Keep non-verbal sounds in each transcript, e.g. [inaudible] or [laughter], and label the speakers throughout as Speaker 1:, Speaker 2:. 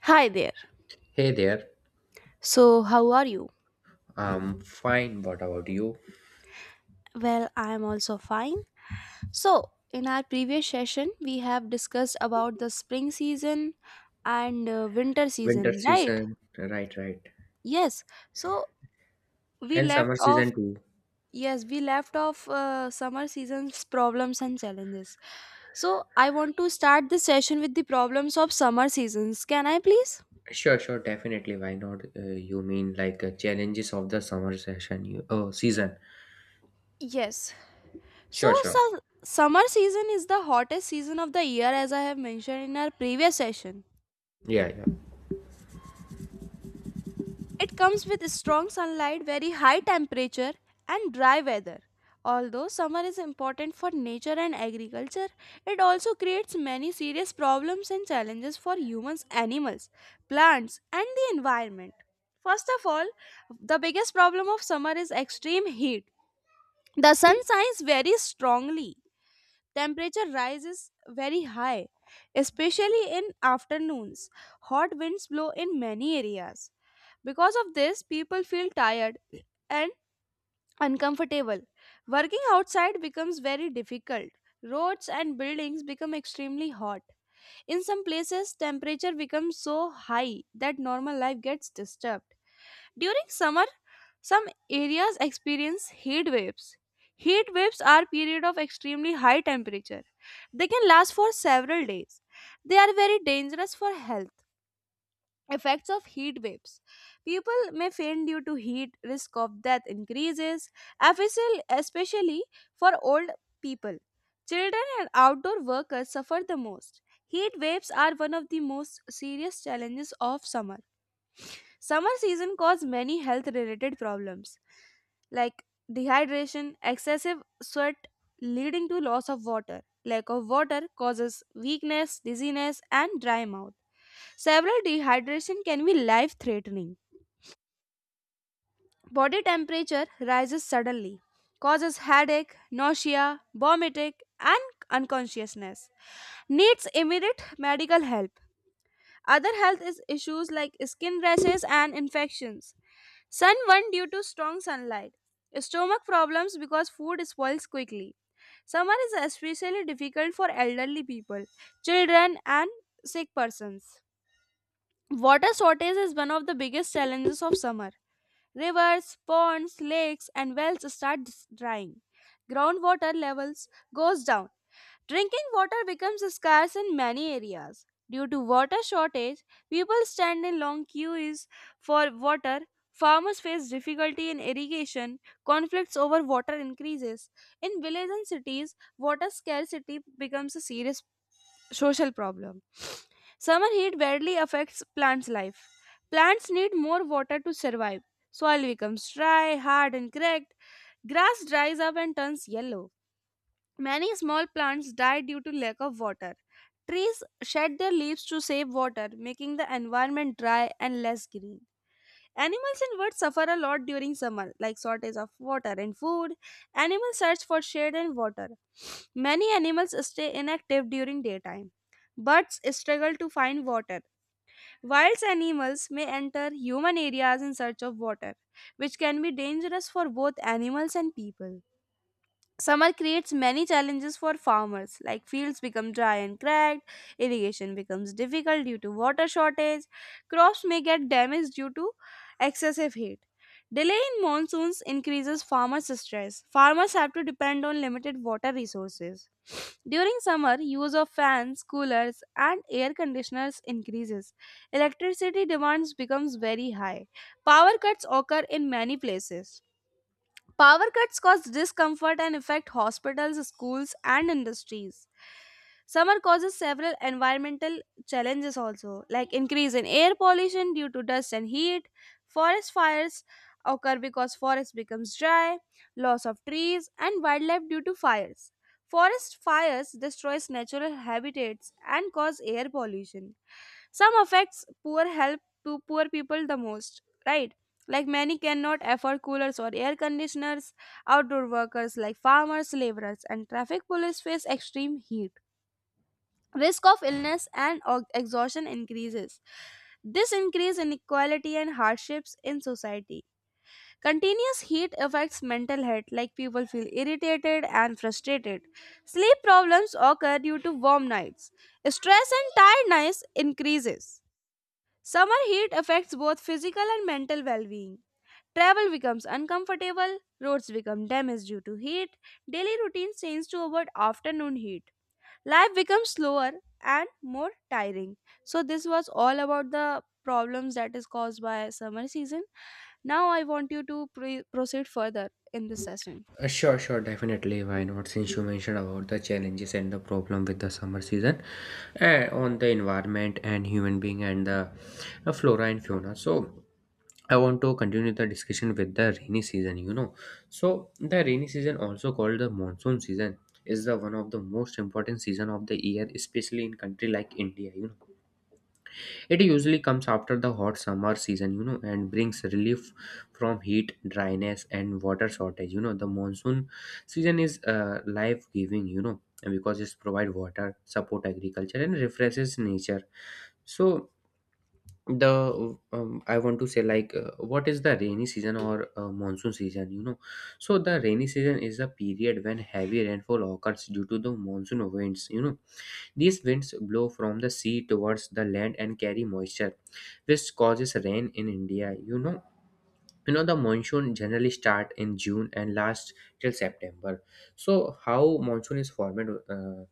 Speaker 1: Hi there.
Speaker 2: Hey there.
Speaker 1: So, how are you?
Speaker 2: Fine. What about you?
Speaker 1: Well, I am also fine. So, in our previous session, we have discussed about the spring season and winter
Speaker 2: Winter
Speaker 1: season, right?
Speaker 2: season, right, right,
Speaker 1: Yes. So, we
Speaker 2: and
Speaker 1: left
Speaker 2: summer
Speaker 1: off
Speaker 2: season too.
Speaker 1: yes, we left off summer season's problems and challenges. So, I want to start this session with the problems of summer seasons. Can I please?
Speaker 2: Sure, sure, definitely. Why not? You mean like challenges of the summer session? You, oh, season.
Speaker 1: Yes. So,
Speaker 2: Sure, sure.
Speaker 1: summer season is the hottest season of the year as I have mentioned in our previous session.
Speaker 2: Yeah, yeah.
Speaker 1: It comes with strong sunlight, very high temperature, and dry weather. Although summer is important for nature and agriculture, it also creates many serious problems and challenges for humans, animals, plants, and the environment. First of all, the biggest problem of summer is extreme heat. The sun shines very strongly, temperature rises very high, especially in afternoons. Hot winds blow in many areas. Because of this, people feel tired and uncomfortable. Working outside becomes very difficult. Roads and buildings become extremely hot. In some places temperature becomes so high that normal life gets disturbed. During summer, some areas experience heat waves. Heat waves are periods of extremely high temperature. They can last for several days. They are very dangerous for health. Effects of heat waves. People may faint due to heat, risk of death increases, especially for old people. Children and outdoor workers suffer the most. Heat waves are one of the most serious challenges of summer. Summer season cause many health related problems like dehydration, excessive sweat leading to loss of water. Lack of water causes weakness, dizziness and dry mouth. Severe dehydration can be life threatening. Body temperature rises suddenly, causes headache, nausea, vomiting and unconsciousness. Needs immediate medical help. Other health is issues like skin rashes and infections, sunburn due to strong sunlight, stomach problems because food spoils quickly. Summer is especially difficult for elderly people, children, and sick persons. Water shortage is one of the biggest challenges of summer. Rivers, ponds, lakes, and wells start drying. Groundwater levels goes down. Drinking water becomes scarce in many areas. Due to water shortage, people stand in long queues for water. Farmers face difficulty in irrigation, conflicts over water increases. In villages and cities, water scarcity becomes a serious social problem. Summer heat badly affects plants' life. Plants need more water to survive. Soil becomes dry, hard, and cracked. Grass dries up and turns yellow. Many small plants die due to lack of water. Trees shed their leaves to save water, making the environment dry and less green. Animals and birds suffer a lot during summer, like shortage of water and food. Animals search for shade and water. [sniffs] Many animals stay inactive during daytime. Birds struggle to find water. Wild animals may enter human areas in search of water, which can be dangerous for both animals and people. Summer creates many challenges for farmers, like fields become dry and cracked, irrigation becomes difficult due to water shortage, crops may get damaged due to excessive heat. Delay in monsoons increases farmers' stress. Farmers have to depend on limited water resources. [sniffs] During summer, use of fans, coolers, and air conditioners increases. Electricity demands becomes very high. Power cuts occur in many places. Power cuts cause discomfort and affect hospitals, schools, and industries. Summer causes several environmental challenges also, like increase in air pollution due to dust and heat, forest fires occur because forest becomes dry, loss of trees and wildlife due to fires. Forest fires destroys natural habitats and cause air pollution. Some affects poor health to poor people the most, right? Like many cannot afford coolers or air conditioners, outdoor workers like farmers, laborers, and traffic police face extreme heat. Risk of illness and exhaustion increases. This increase inequality and hardships in society. Continuous heat affects mental health, like people feel irritated and frustrated. Sleep problems occur due to warm nights. Stress and tiredness increases. Summer heat affects both physical and mental well-being. Travel becomes uncomfortable, roads become damaged due to heat, daily routines change to avoid afternoon heat. Life becomes slower and more tiring. So this was all about the problems that is caused by summer season. Now I want you to proceed further in this session.
Speaker 2: Sure, sure, definitely. Why not? Since you mentioned about the challenges and the problem with the summer season, on the environment and human being and the flora and fauna. So. I want to continue the discussion with the rainy season. So the rainy season, also called the monsoon season, is the one of the most important season of the year, especially in country like India. It usually comes after the hot summer season, and brings relief from heat, dryness, and water shortage. The monsoon season is life-giving, because it provides water, support agriculture, and refreshes nature. So the I want to say like what is the rainy season or monsoon season. So the rainy season is a period when heavy rainfall occurs due to the monsoon winds. These winds blow from the sea towards the land and carry moisture, which causes rain in India. The monsoon generally start in june and last till september. So how monsoon is formed? uh,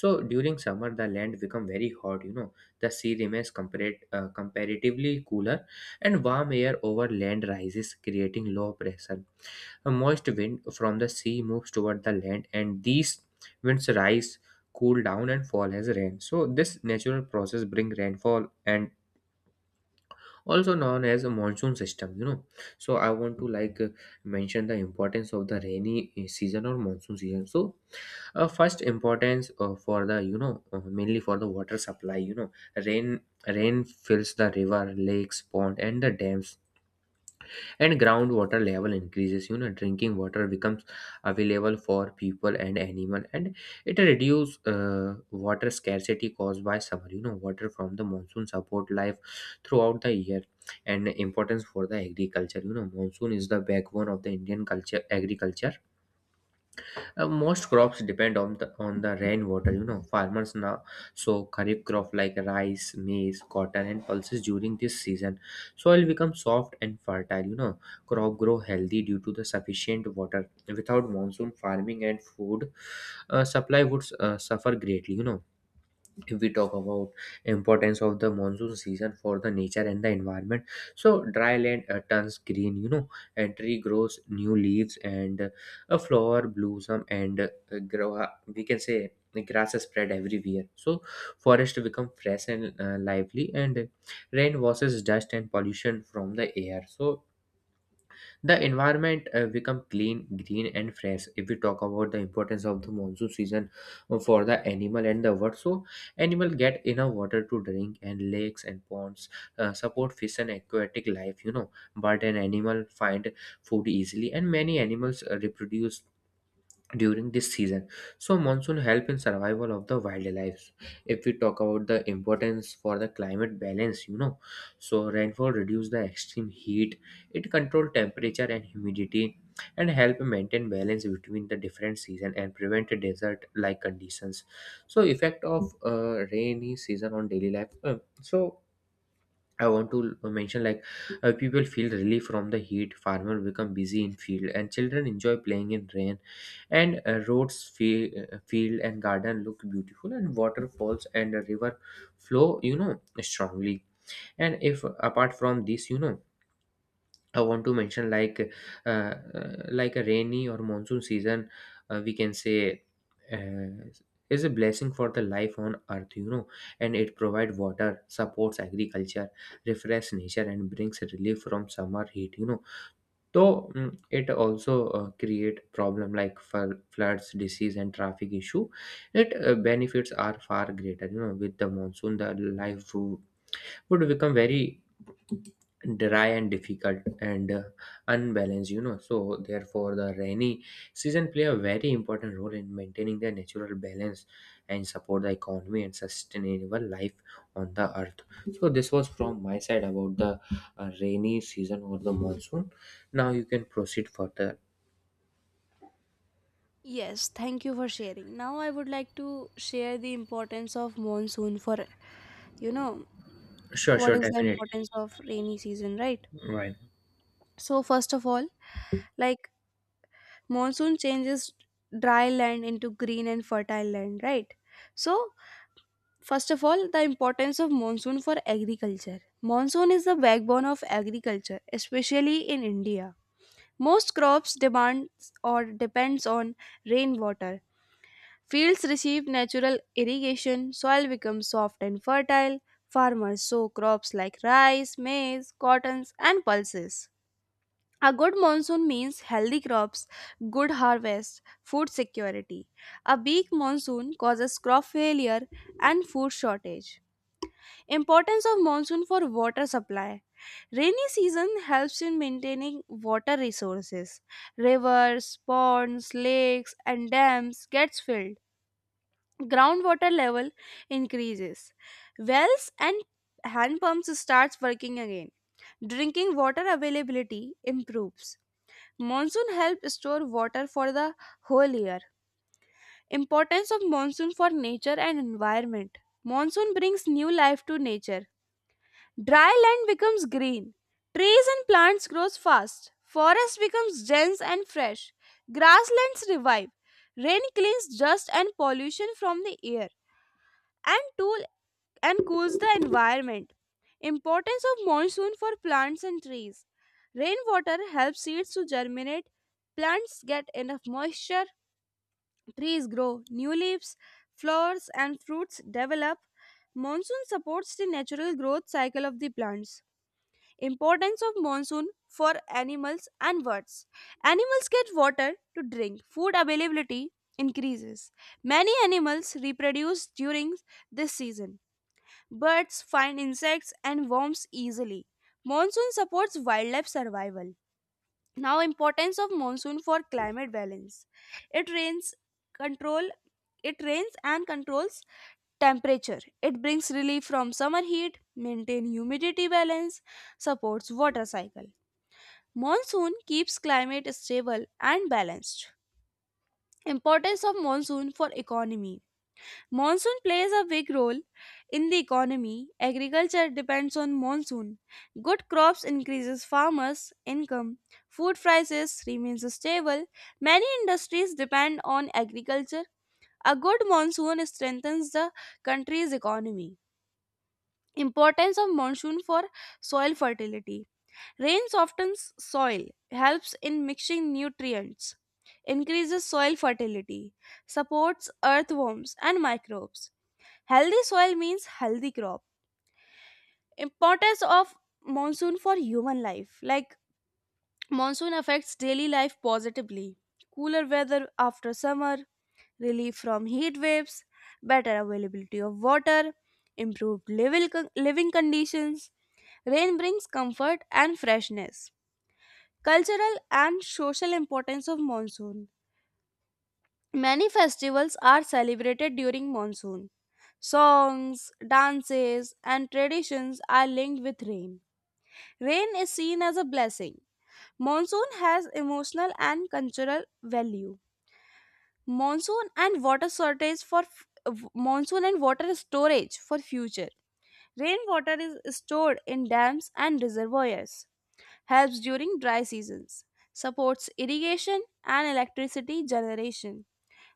Speaker 2: so during summer the land become very hot. The sea remains comparatively cooler, and warm air over land rises, creating low pressure. A moist wind from the sea moves toward the land, and these winds rise, cool down, and fall as rain. So this natural process bring rainfall and also known as a monsoon system. So I want to like mention the importance of the rainy season or monsoon season. So first importance for the mainly for the water supply. rain rain fills the river, lakes, pond, and the dams, and groundwater level increases. Drinking water becomes available for people and animal, and it reduces water scarcity caused by summer. Water from the monsoon support life throughout the year. And importance for the agriculture: monsoon is the backbone of the indian culture agriculture. Most crops depend on the rainwater. You know, farmers now sow kharif crop like rice, maize, cotton, and pulses during this season. Soil becomes soft and fertile. You know, crop grow healthy due to the sufficient water. Without monsoon, farming and food supply would suffer greatly. You know if we talk about importance of the monsoon season for the nature and the environment, so dry land turns green, and tree grows new leaves, and a flower blossom, and grow, we can say the grass is spread everywhere. So forest become fresh and lively, and rain washes dust and pollution from the air. So the environment become clean, green, and fresh. If we talk about the importance of the monsoon season for the animal and the world, so animal get enough water to drink, and lakes and ponds support fish and aquatic life you know, but an animal find food easily, and many animals reproduce during this season. So monsoon help in survival of the wildlife. If we talk about the importance for the climate balance you know, so rainfall reduce the extreme heat. It control temperature and humidity, and help maintain balance between the different season and prevent desert like conditions. So effect of rainy season on daily life. So I want to mention like people feel relief from the heat. Farmer become busy in field, and children enjoy playing in rain. And roads, field, and garden look beautiful, and waterfalls and a river flow strongly. And if apart from this, I want to mention like a rainy or monsoon season, we can say uh, is a blessing for the life on earth, and it provides water, supports agriculture, refresh nature, and brings relief from summer heat. Though it also create problem like for floods, disease, and traffic issue. It benefits are far greater. With the monsoon, the life would become very dry and difficult and unbalanced. So therefore the rainy season play a very important role in maintaining the natural balance and support the economy and sustainable life on the earth. So this was from my side about the rainy season or the monsoon. Now you can proceed further.
Speaker 1: Yes, thank you for sharing. Now I would like to share the importance of monsoon for you know
Speaker 2: Sure,
Speaker 1: what
Speaker 2: sure,
Speaker 1: is the
Speaker 2: definitely.
Speaker 1: importance of rainy season, right?
Speaker 2: Why?
Speaker 1: So first of all, like monsoon changes dry land into green and fertile land, right? So first of all, the importance of monsoon for agriculture. Monsoon is the backbone of agriculture especially in India. Most crops demands or depends on rainwater. Fields receive natural irrigation, soil becomes soft and fertile. Farmers sow crops like rice, maize, cottons and pulses. A good monsoon means healthy crops, good harvest, food security. A weak monsoon causes crop failure and food shortage. Importance of monsoon for water supply. Rainy season helps in maintaining water resources. Rivers, ponds, lakes and dams gets filled. Groundwater level increases. Wells and hand pumps starts working again. Drinking water availability improves. Monsoon help store water for the whole year. Importance of monsoon for nature and environment. Monsoon brings new life to nature. Dry land becomes green. Trees and plants grows fast. Forest becomes dense and fresh. Grasslands revive. Rain cleans dust and pollution from the air and tool and cools the environment. Importance of monsoon for plants and trees. Rainwater helps seeds to germinate, plants get enough moisture, trees grow new leaves, flowers and fruits develop. Monsoon supports the natural growth cycle of the plants. Importance of monsoon for animals and birds. Animals get water to drink. Food availability increases. Many animals reproduce during this season. Birds find insects and worms easily. Monsoon supports wildlife survival. Now importance of monsoon for climate balance. It rains control it rains and controls temperature. It brings relief from summer heat, maintain humidity balance, supports water cycle. Monsoon keeps climate stable and balanced. Importance of monsoon for economy. Monsoon plays a big role in the economy. Agriculture depends on monsoon. Good crops increases farmers' income. Food prices remains stable. Many industries depend on agriculture. A good monsoon strengthens the country's economy. Importance of monsoon for soil fertility. Rain softens soil, helps in mixing nutrients, increases soil fertility, supports earthworms and microbes. Healthy soil means healthy crop. Importance of monsoon for human life. Like monsoon affects daily life positively. Cooler weather after summer, relief from heat waves, better availability of water, improved living conditions. Rain brings comfort and freshness. Cultural and social importance of monsoon. Many festivals are celebrated during monsoon. Songs, dances, and traditions are linked with rain. Rain is seen as a blessing. Monsoon has emotional and cultural value. Monsoon and water storage for future. Rainwater is stored in dams and reservoirs, helps during dry seasons, supports irrigation and electricity generation.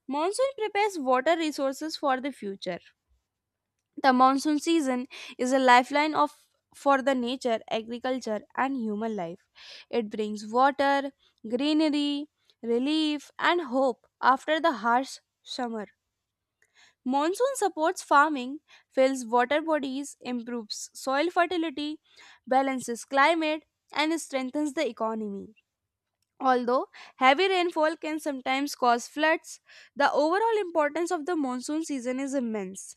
Speaker 1: Monsoon prepares water resources for the future. The monsoon season is a lifeline of for the nature, agriculture and human life. It brings water, greenery, relief and hope after the harsh summer. Monsoon supports farming, fills water bodies, improves soil fertility, balances climate and strengthens the economy. Although heavy rainfall can sometimes cause floods, the overall importance of the monsoon season is immense.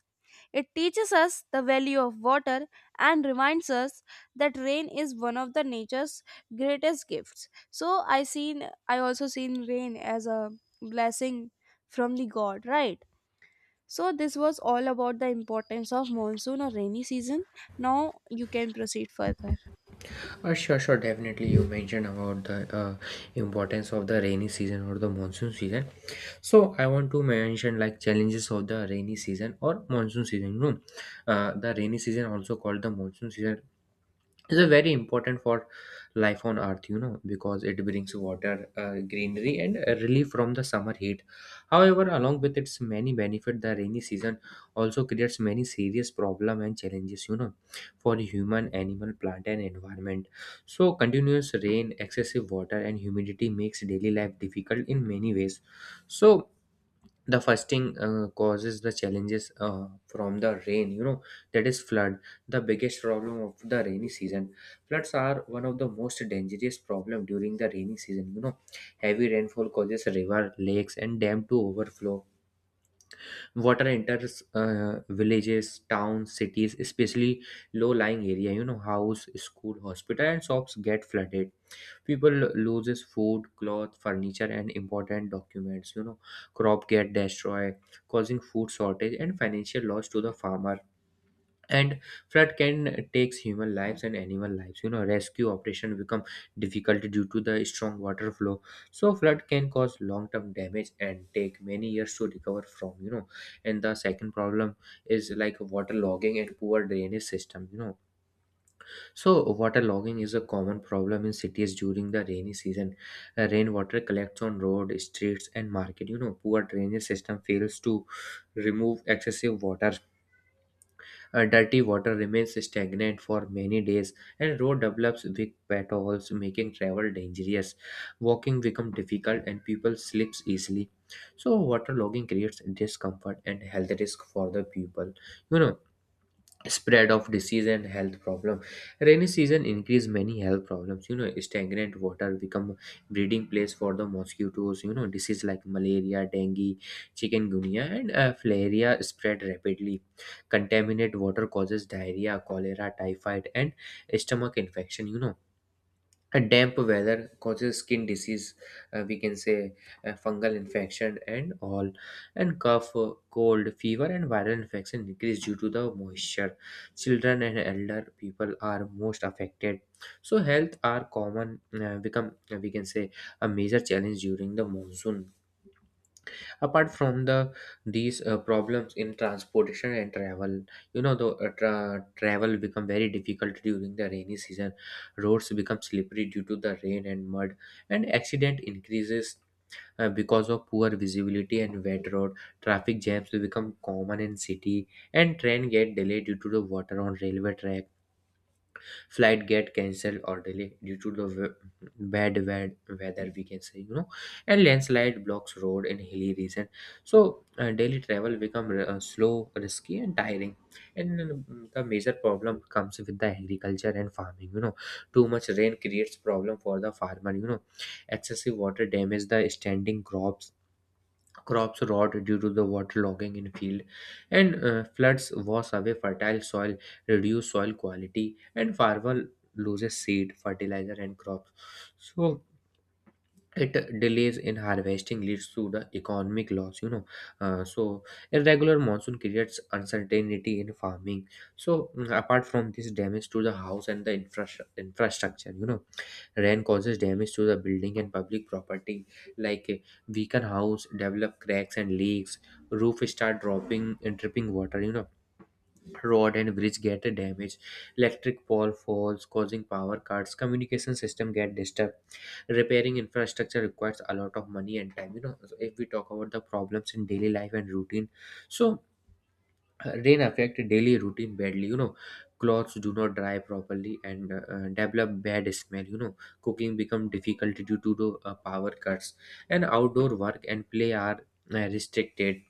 Speaker 1: It teaches us the value of water and reminds us that rain is one of the nature's greatest gifts. So I also seen rain as a blessing from the God, right? So this was all about the importance of monsoon or rainy season. Now you can proceed further.
Speaker 2: Sure, sure, definitely. You mentioned about the importance of the rainy season or the monsoon season. So I want to mention like challenges of the rainy season or monsoon season. The rainy season, also called the monsoon season, is a very important for life on earth, because it brings water, greenery, and relief from the summer heat. However, along with its many benefit, the rainy season also creates many serious problem and challenges for human, animal, plant, and environment. So continuous rain, excessive water, and humidity makes daily life difficult in many ways. So the fasting causes the challenges from the rain, that is flood. The biggest problem of the rainy season: floods are one of the most dangerous problem during the rainy season. Heavy rainfall causes river, lakes, and dam to overflow. Water enters villages, towns, cities, especially low lying area, house, school, hospital, and shops get flooded. People loses food, cloth, furniture, and important documents. Crop get destroyed, causing food shortage and financial loss to the farmer. And flood can takes human lives and animal lives. Rescue operation become difficult due to the strong water flow. So flood can cause long term damage and take many years to recover from. And the second problem is like water logging and poor drainage system. So, water logging is a common problem in cities during the rainy season. Rainwater collects on road, streets, and market. You know, poor drainage system fails to remove excessive water. Dirty water remains stagnant for many days, and road develops big potholes, making travel dangerous. Walking becomes difficult, and people slips easily. So, water logging creates discomfort and health risk for the people. You know Spread of disease and health problem: rainy season increase many health problems. Stagnant water become breeding place for the mosquitoes. Disease like malaria, dengue, chikungunya, and filaria spread rapidly. Contaminated water causes diarrhea, cholera, typhoid, and stomach infection. A damp weather causes skin disease, we can say, fungal infection and all. And cough, cold, fever, and viral infection increase due to the moisture. Children and elder people are most affected. So health are common, become, we can say, a major challenge during the monsoon. Apart from the these problems in transportation and travel, the travel become very difficult during the rainy season. Roads become slippery due to the rain and mud, and accident increases because of poor visibility and wet road. Traffic jams become common in city, and train get delayed due to the water on railway track. Flight get cancelled or delayed due to the bad weather, we can say. And landslide blocks road in hilly region. So daily travel become slow, risky, and tiring. And the major problem comes with the agriculture and farming. Too much rain creates problem for the farmer. Excessive water damage the standing crops. Crops rot due to the waterlogging in field, and floods wash away fertile soil, reduce soil quality, and farmer loses seed, fertilizer, and crops. So it delays in harvesting leads to the economic loss. So irregular monsoon creates uncertainty in farming. So apart from this, damage to the house and the infrastructure. Rain causes damage to the building and public property, like weaken house develop cracks and leaks. Roof start dropping and dripping water. Road and bridge get damaged. Electric pole falls, causing power cuts. Communication system get disturbed. Repairing infrastructure requires a lot of money and time. So if we talk about the problems in daily life and routine, so rain affect daily routine badly. Clothes do not dry properly and develop bad smell. Cooking become difficult due to the power cuts, and outdoor work and play are restricted.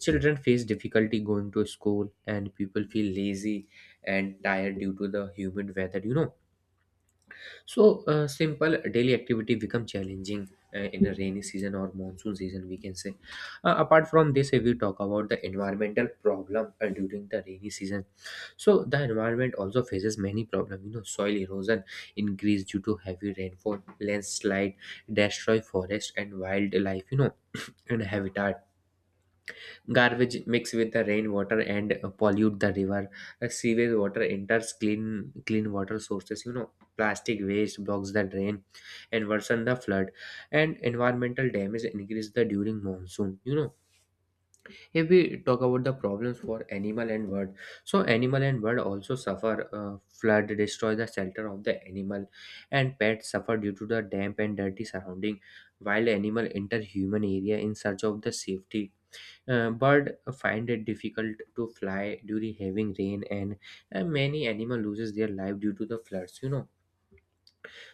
Speaker 2: Children face difficulty going to school, and people feel lazy and tired due to the humid weather. So, simple daily activity become challenging In a rainy season or monsoon season, we can say. Apart from this, if we talk about the environmental problem during the rainy season, so the environment also faces many problems. You know, soil erosion increase due to heavy rainfall, landslide, destroy forest and wildlife. You know, and habitat. Garbage mix with the rainwater and pollute the river. Sewage water enters clean water sources. You know, plastic waste blocks the drain and worsen the flood. And environmental damage increase the during monsoon. You know, if we talk about the problems for animal and bird, so animal and bird also suffer. Flood destroy the shelter of the animal, and pets suffer due to the damp and dirty surrounding. Wild animal enter human area in search of the safety. Birds find it difficult to fly during heavy rain, and many animal loses their life due to the floods, you know.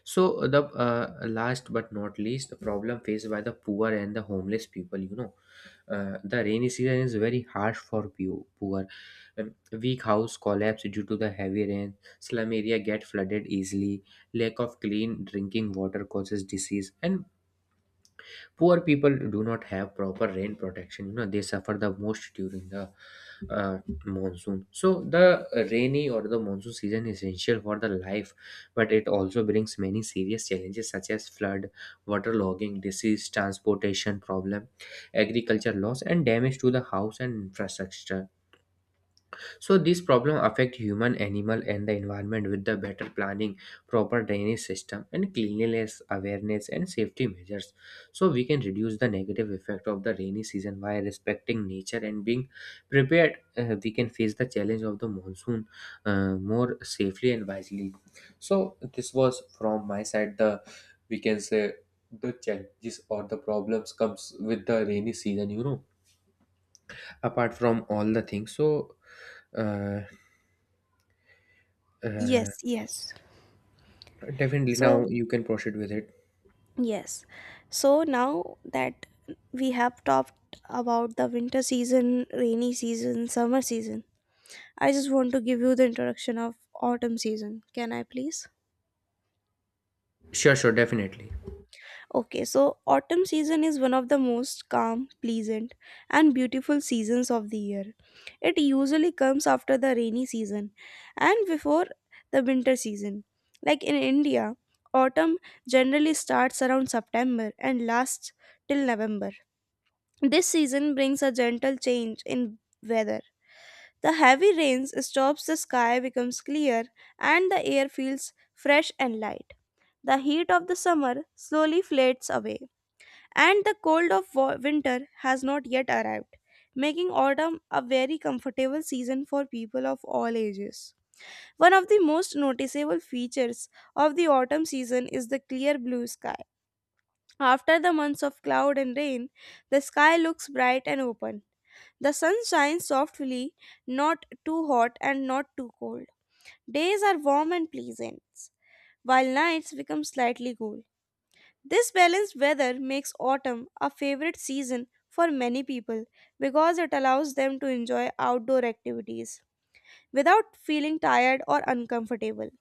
Speaker 2: So the last but not least, the problem faced by the poor and the homeless people, you know. The rainy season is very harsh for poor. Um, Weak house collapse due to the heavy rain, slum area get flooded easily, lack of clean drinking water causes disease, and poor people do not have proper rain protection, you know. They suffer the most during the uh, monsoon. So the rainy or the monsoon season is essential for the life, but it also brings many serious challenges such as flood, water logging, disease, transportation problem, agriculture loss, and damage to the house and infrastructure. So these problems affect human, animal, and the environment. With the better planning, proper drainage system, and cleanliness awareness and safety measures, so we can reduce the negative effect of the rainy season. By respecting nature and being prepared, we can face the challenge of the monsoon more safely and wisely. So this was from my side, the, we can say, the challenges or the problems comes with the rainy season, you know, apart from all the things. So. Uh, Uh,
Speaker 1: Yes, yes.
Speaker 2: Definitely.
Speaker 1: So,
Speaker 2: Now you can proceed with it.
Speaker 1: yes. So now that we have talked about the winter season, rainy season, summer season, I just want to give you the introduction of autumn season. Can I please?
Speaker 2: Sure, sure, definitely.
Speaker 1: Okay, so autumn season is one of the most calm, pleasant, and beautiful seasons of the year. It usually comes after the rainy season and before the winter season. Like in India, autumn generally starts around September and lasts till November. This season brings a gentle change in weather. The heavy rains stops, the sky becomes clear, and the air feels fresh and light. The heat of the summer slowly fades away, and the cold of winter has not yet arrived, making autumn a very comfortable season for people of all ages. One of the most noticeable features of the autumn season is the clear blue sky. After the months of cloud and rain, the sky looks bright and open. The sun shines softly, not too hot and not too cold. Days are warm and pleasant, while nights become slightly cool. This balanced weather makes autumn a favorite season for many people because it allows them to enjoy outdoor activities without feeling tired or uncomfortable.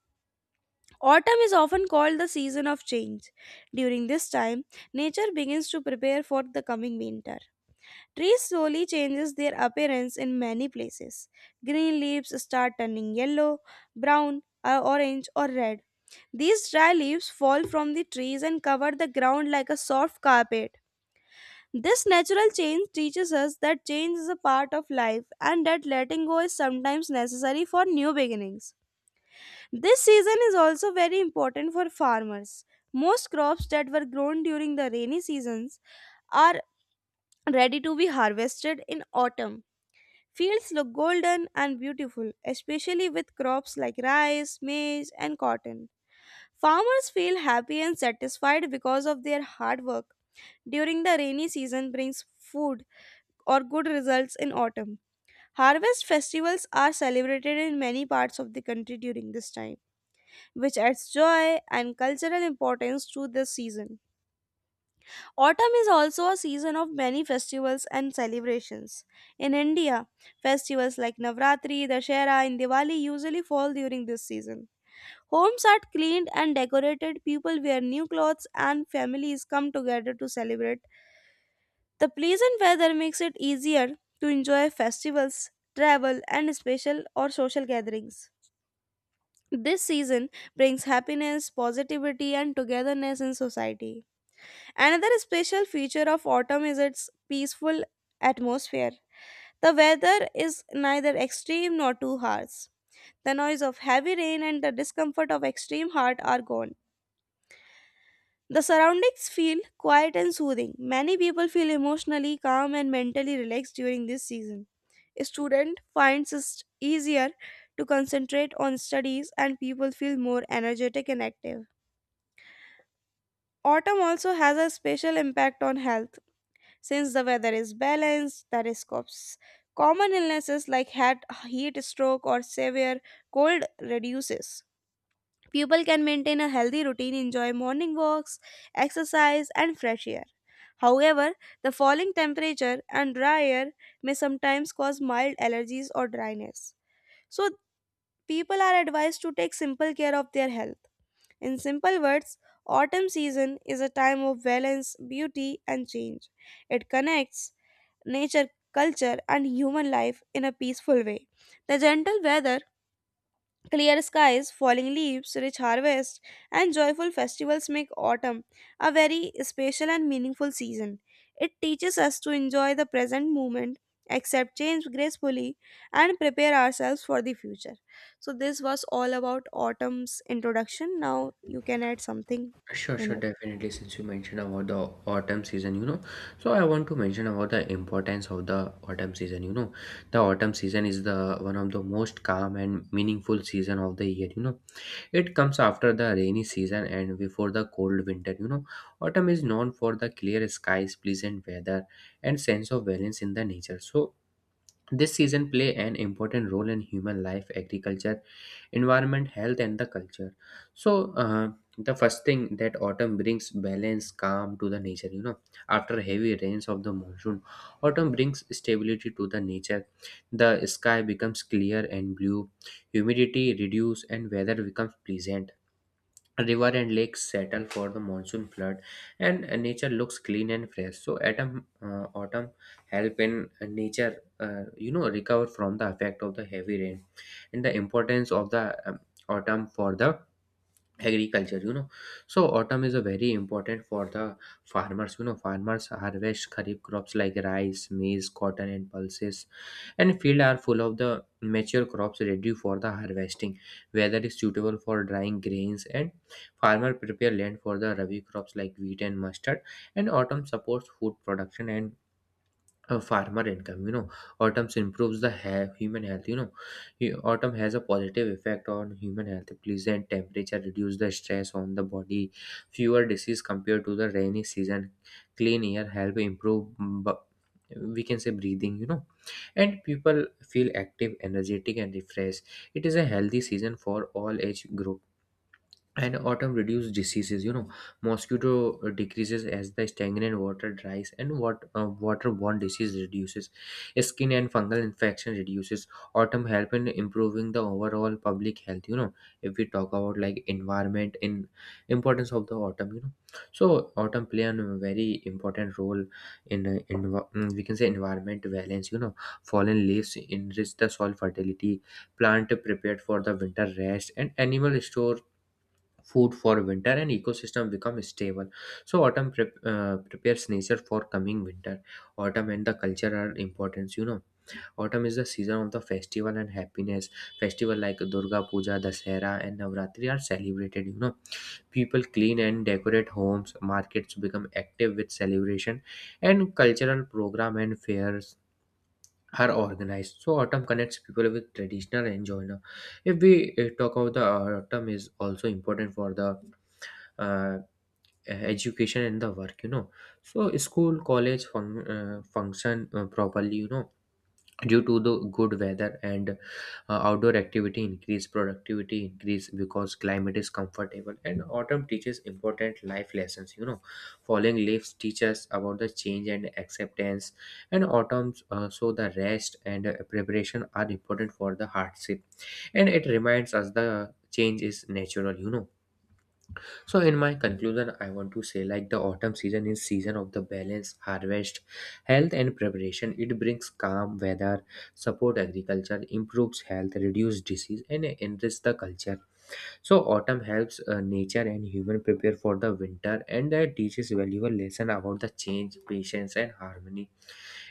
Speaker 1: Autumn is often called the season of change. During this time, nature begins to prepare for the coming winter. Trees slowly changes their appearance in many places. Green leaves start turning yellow, brown, orange or red. These dry leaves fall from the trees and cover the ground like a soft carpet. This natural change teaches us that change is a part of life and that letting go is sometimes necessary for new beginnings. This season is also very important for farmers. Most crops that were grown during the rainy seasons are ready to be harvested in autumn. Fields look golden and beautiful, especially with crops like rice, maize, and cotton. Farmers feel happy and satisfied because of their hard work. During the rainy season brings food or good results in autumn. Harvest festivals are celebrated in many parts of the country during this time, which adds joy and cultural importance to this season. Autumn is also a season of many festivals and celebrations. In India, festivals like Navratri, Dashera, and Diwali usually fall during this season. Homes are cleaned and decorated, people wear new clothes, and families come together to celebrate. The pleasant weather makes it easier to enjoy festivals, travel, and special or social gatherings. This season brings happiness, positivity, and togetherness in society. Another special feature of autumn is its peaceful atmosphere. The weather is neither extreme nor too harsh. The noise of heavy rain and the discomfort of extreme heat are gone. The surroundings feel quiet and soothing. Many people feel emotionally calm and mentally relaxed during this season. A student finds it easier to concentrate on studies and people feel more energetic and active. Autumn also has a special impact on health. Since the weather is balanced, the risk of common illnesses like hat, heat stroke, or severe cold reduces. People can maintain a healthy routine, enjoy morning walks, exercise, and fresh air. However, the falling temperature and dry air may sometimes cause mild allergies or dryness. So, people are advised to take simple care of their health. In simple words, autumn season is a time of balance, beauty, and change. It connects nature, culture, and human life in a peaceful way. The gentle weather, clear skies, falling leaves, rich harvest, and joyful festivals make autumn a very special and meaningful season. It teaches us to enjoy the present moment, accept change gracefully, and prepare ourselves for the future. So, this was all about autumn's introduction. Now, you can add something
Speaker 2: Sure,
Speaker 1: in
Speaker 2: sure,
Speaker 1: it.
Speaker 2: definitely. Since you mentioned about the autumn season, you know, so I want to mention about the importance of the autumn season. You know, the autumn season is the one of the most calm and meaningful season of the year. You know, it comes after the rainy season and before the cold winter. You know, autumn is known for the clear skies, pleasant weather, and sense of balance in the nature. So this season play an important role in human life, agriculture, environment, health, and the culture. So the first thing that autumn brings balance, calm to the nature. You know, after heavy rains of the monsoon, autumn brings stability to the nature. The sky becomes clear and blue, humidity reduce, and weather becomes pleasant. River and lakes settle for the monsoon flood, and nature looks clean and fresh. So autumn help in nature, you know, recover from the effect of the heavy rain. And the importance of the autumn for the agriculture, you know. So autumn is a very important for the farmers, you know. Farmers harvest kharif crops like rice, maize, cotton, and pulses, and fields are full of the mature crops ready for the harvesting. Weather is suitable for drying grains, and farmer prepare land for the Rabi crops like wheat and mustard. And autumn supports food production and a farmer income, you know. Autumn improves the human health, you know. Autumn has a positive effect on human health. Pleasant temperature reduce the stress on the body, fewer disease compared to the rainy season, clean air help improve we can say breathing, you know. And people feel active, energetic, and refreshed. It is a healthy season for all age group, and autumn reduce diseases, you know. Mosquito decreases as the stagnant water dries, and what waterborne disease reduces, skin and fungal infection reduces. Autumn help in improving the overall public health, you know. If we talk about like environment in importance of the autumn, you know, so autumn play a very important role in, we can say environment balance, you know. Fallen leaves enrich the soil fertility, plant prepared for the winter rest, and animal store food for winter, and ecosystem become stable. So autumn prepares nature for coming winter. Autumn and the culture are important, you know. Autumn is the season of the festival and happiness. Festival like Durga Puja, Dasera, and Navratri are celebrated, you know. People clean and decorate homes, markets become active with celebration, and cultural program and fairs are organized. So autumn connects people with traditional and joiner. If we talk about the autumn is also important for the uh, education and the work, you know. So school, college, function properly, you know, due to the good weather. And outdoor activity increase, productivity increase because climate is comfortable. And autumn teaches important life lessons, you know. Falling leaves teach us about the change and acceptance, and autumn, so the rest and preparation are important for the hardship. And it reminds us the change is natural, you know. So in my conclusion, I want to say like the autumn season is season of the balance, harvest, health, and preparation. It brings calm weather, support agriculture, improves health, reduce disease, and enrich the culture. So autumn helps nature and human prepare for the winter, and that teaches valuable lesson about the change, patience, and harmony.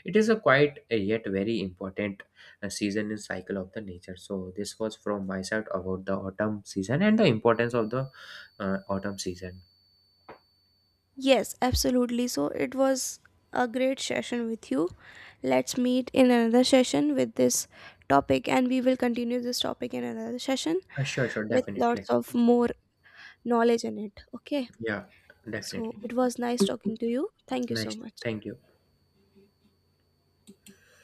Speaker 2: It is a quite yet very important season in cycle of the nature. So this was from my side about the autumn season and the importance of the autumn season.
Speaker 1: Yes, absolutely. So it was a great session with you. Let's meet in another session with this topic, and we will continue this topic in another session
Speaker 2: Sure, sure,
Speaker 1: with
Speaker 2: definitely.
Speaker 1: lots of more knowledge in it. Okay.
Speaker 2: Yeah,
Speaker 1: So
Speaker 2: definitely.
Speaker 1: it was nice talking to you. Thank you so
Speaker 2: Nice.
Speaker 1: much.
Speaker 2: Thank you.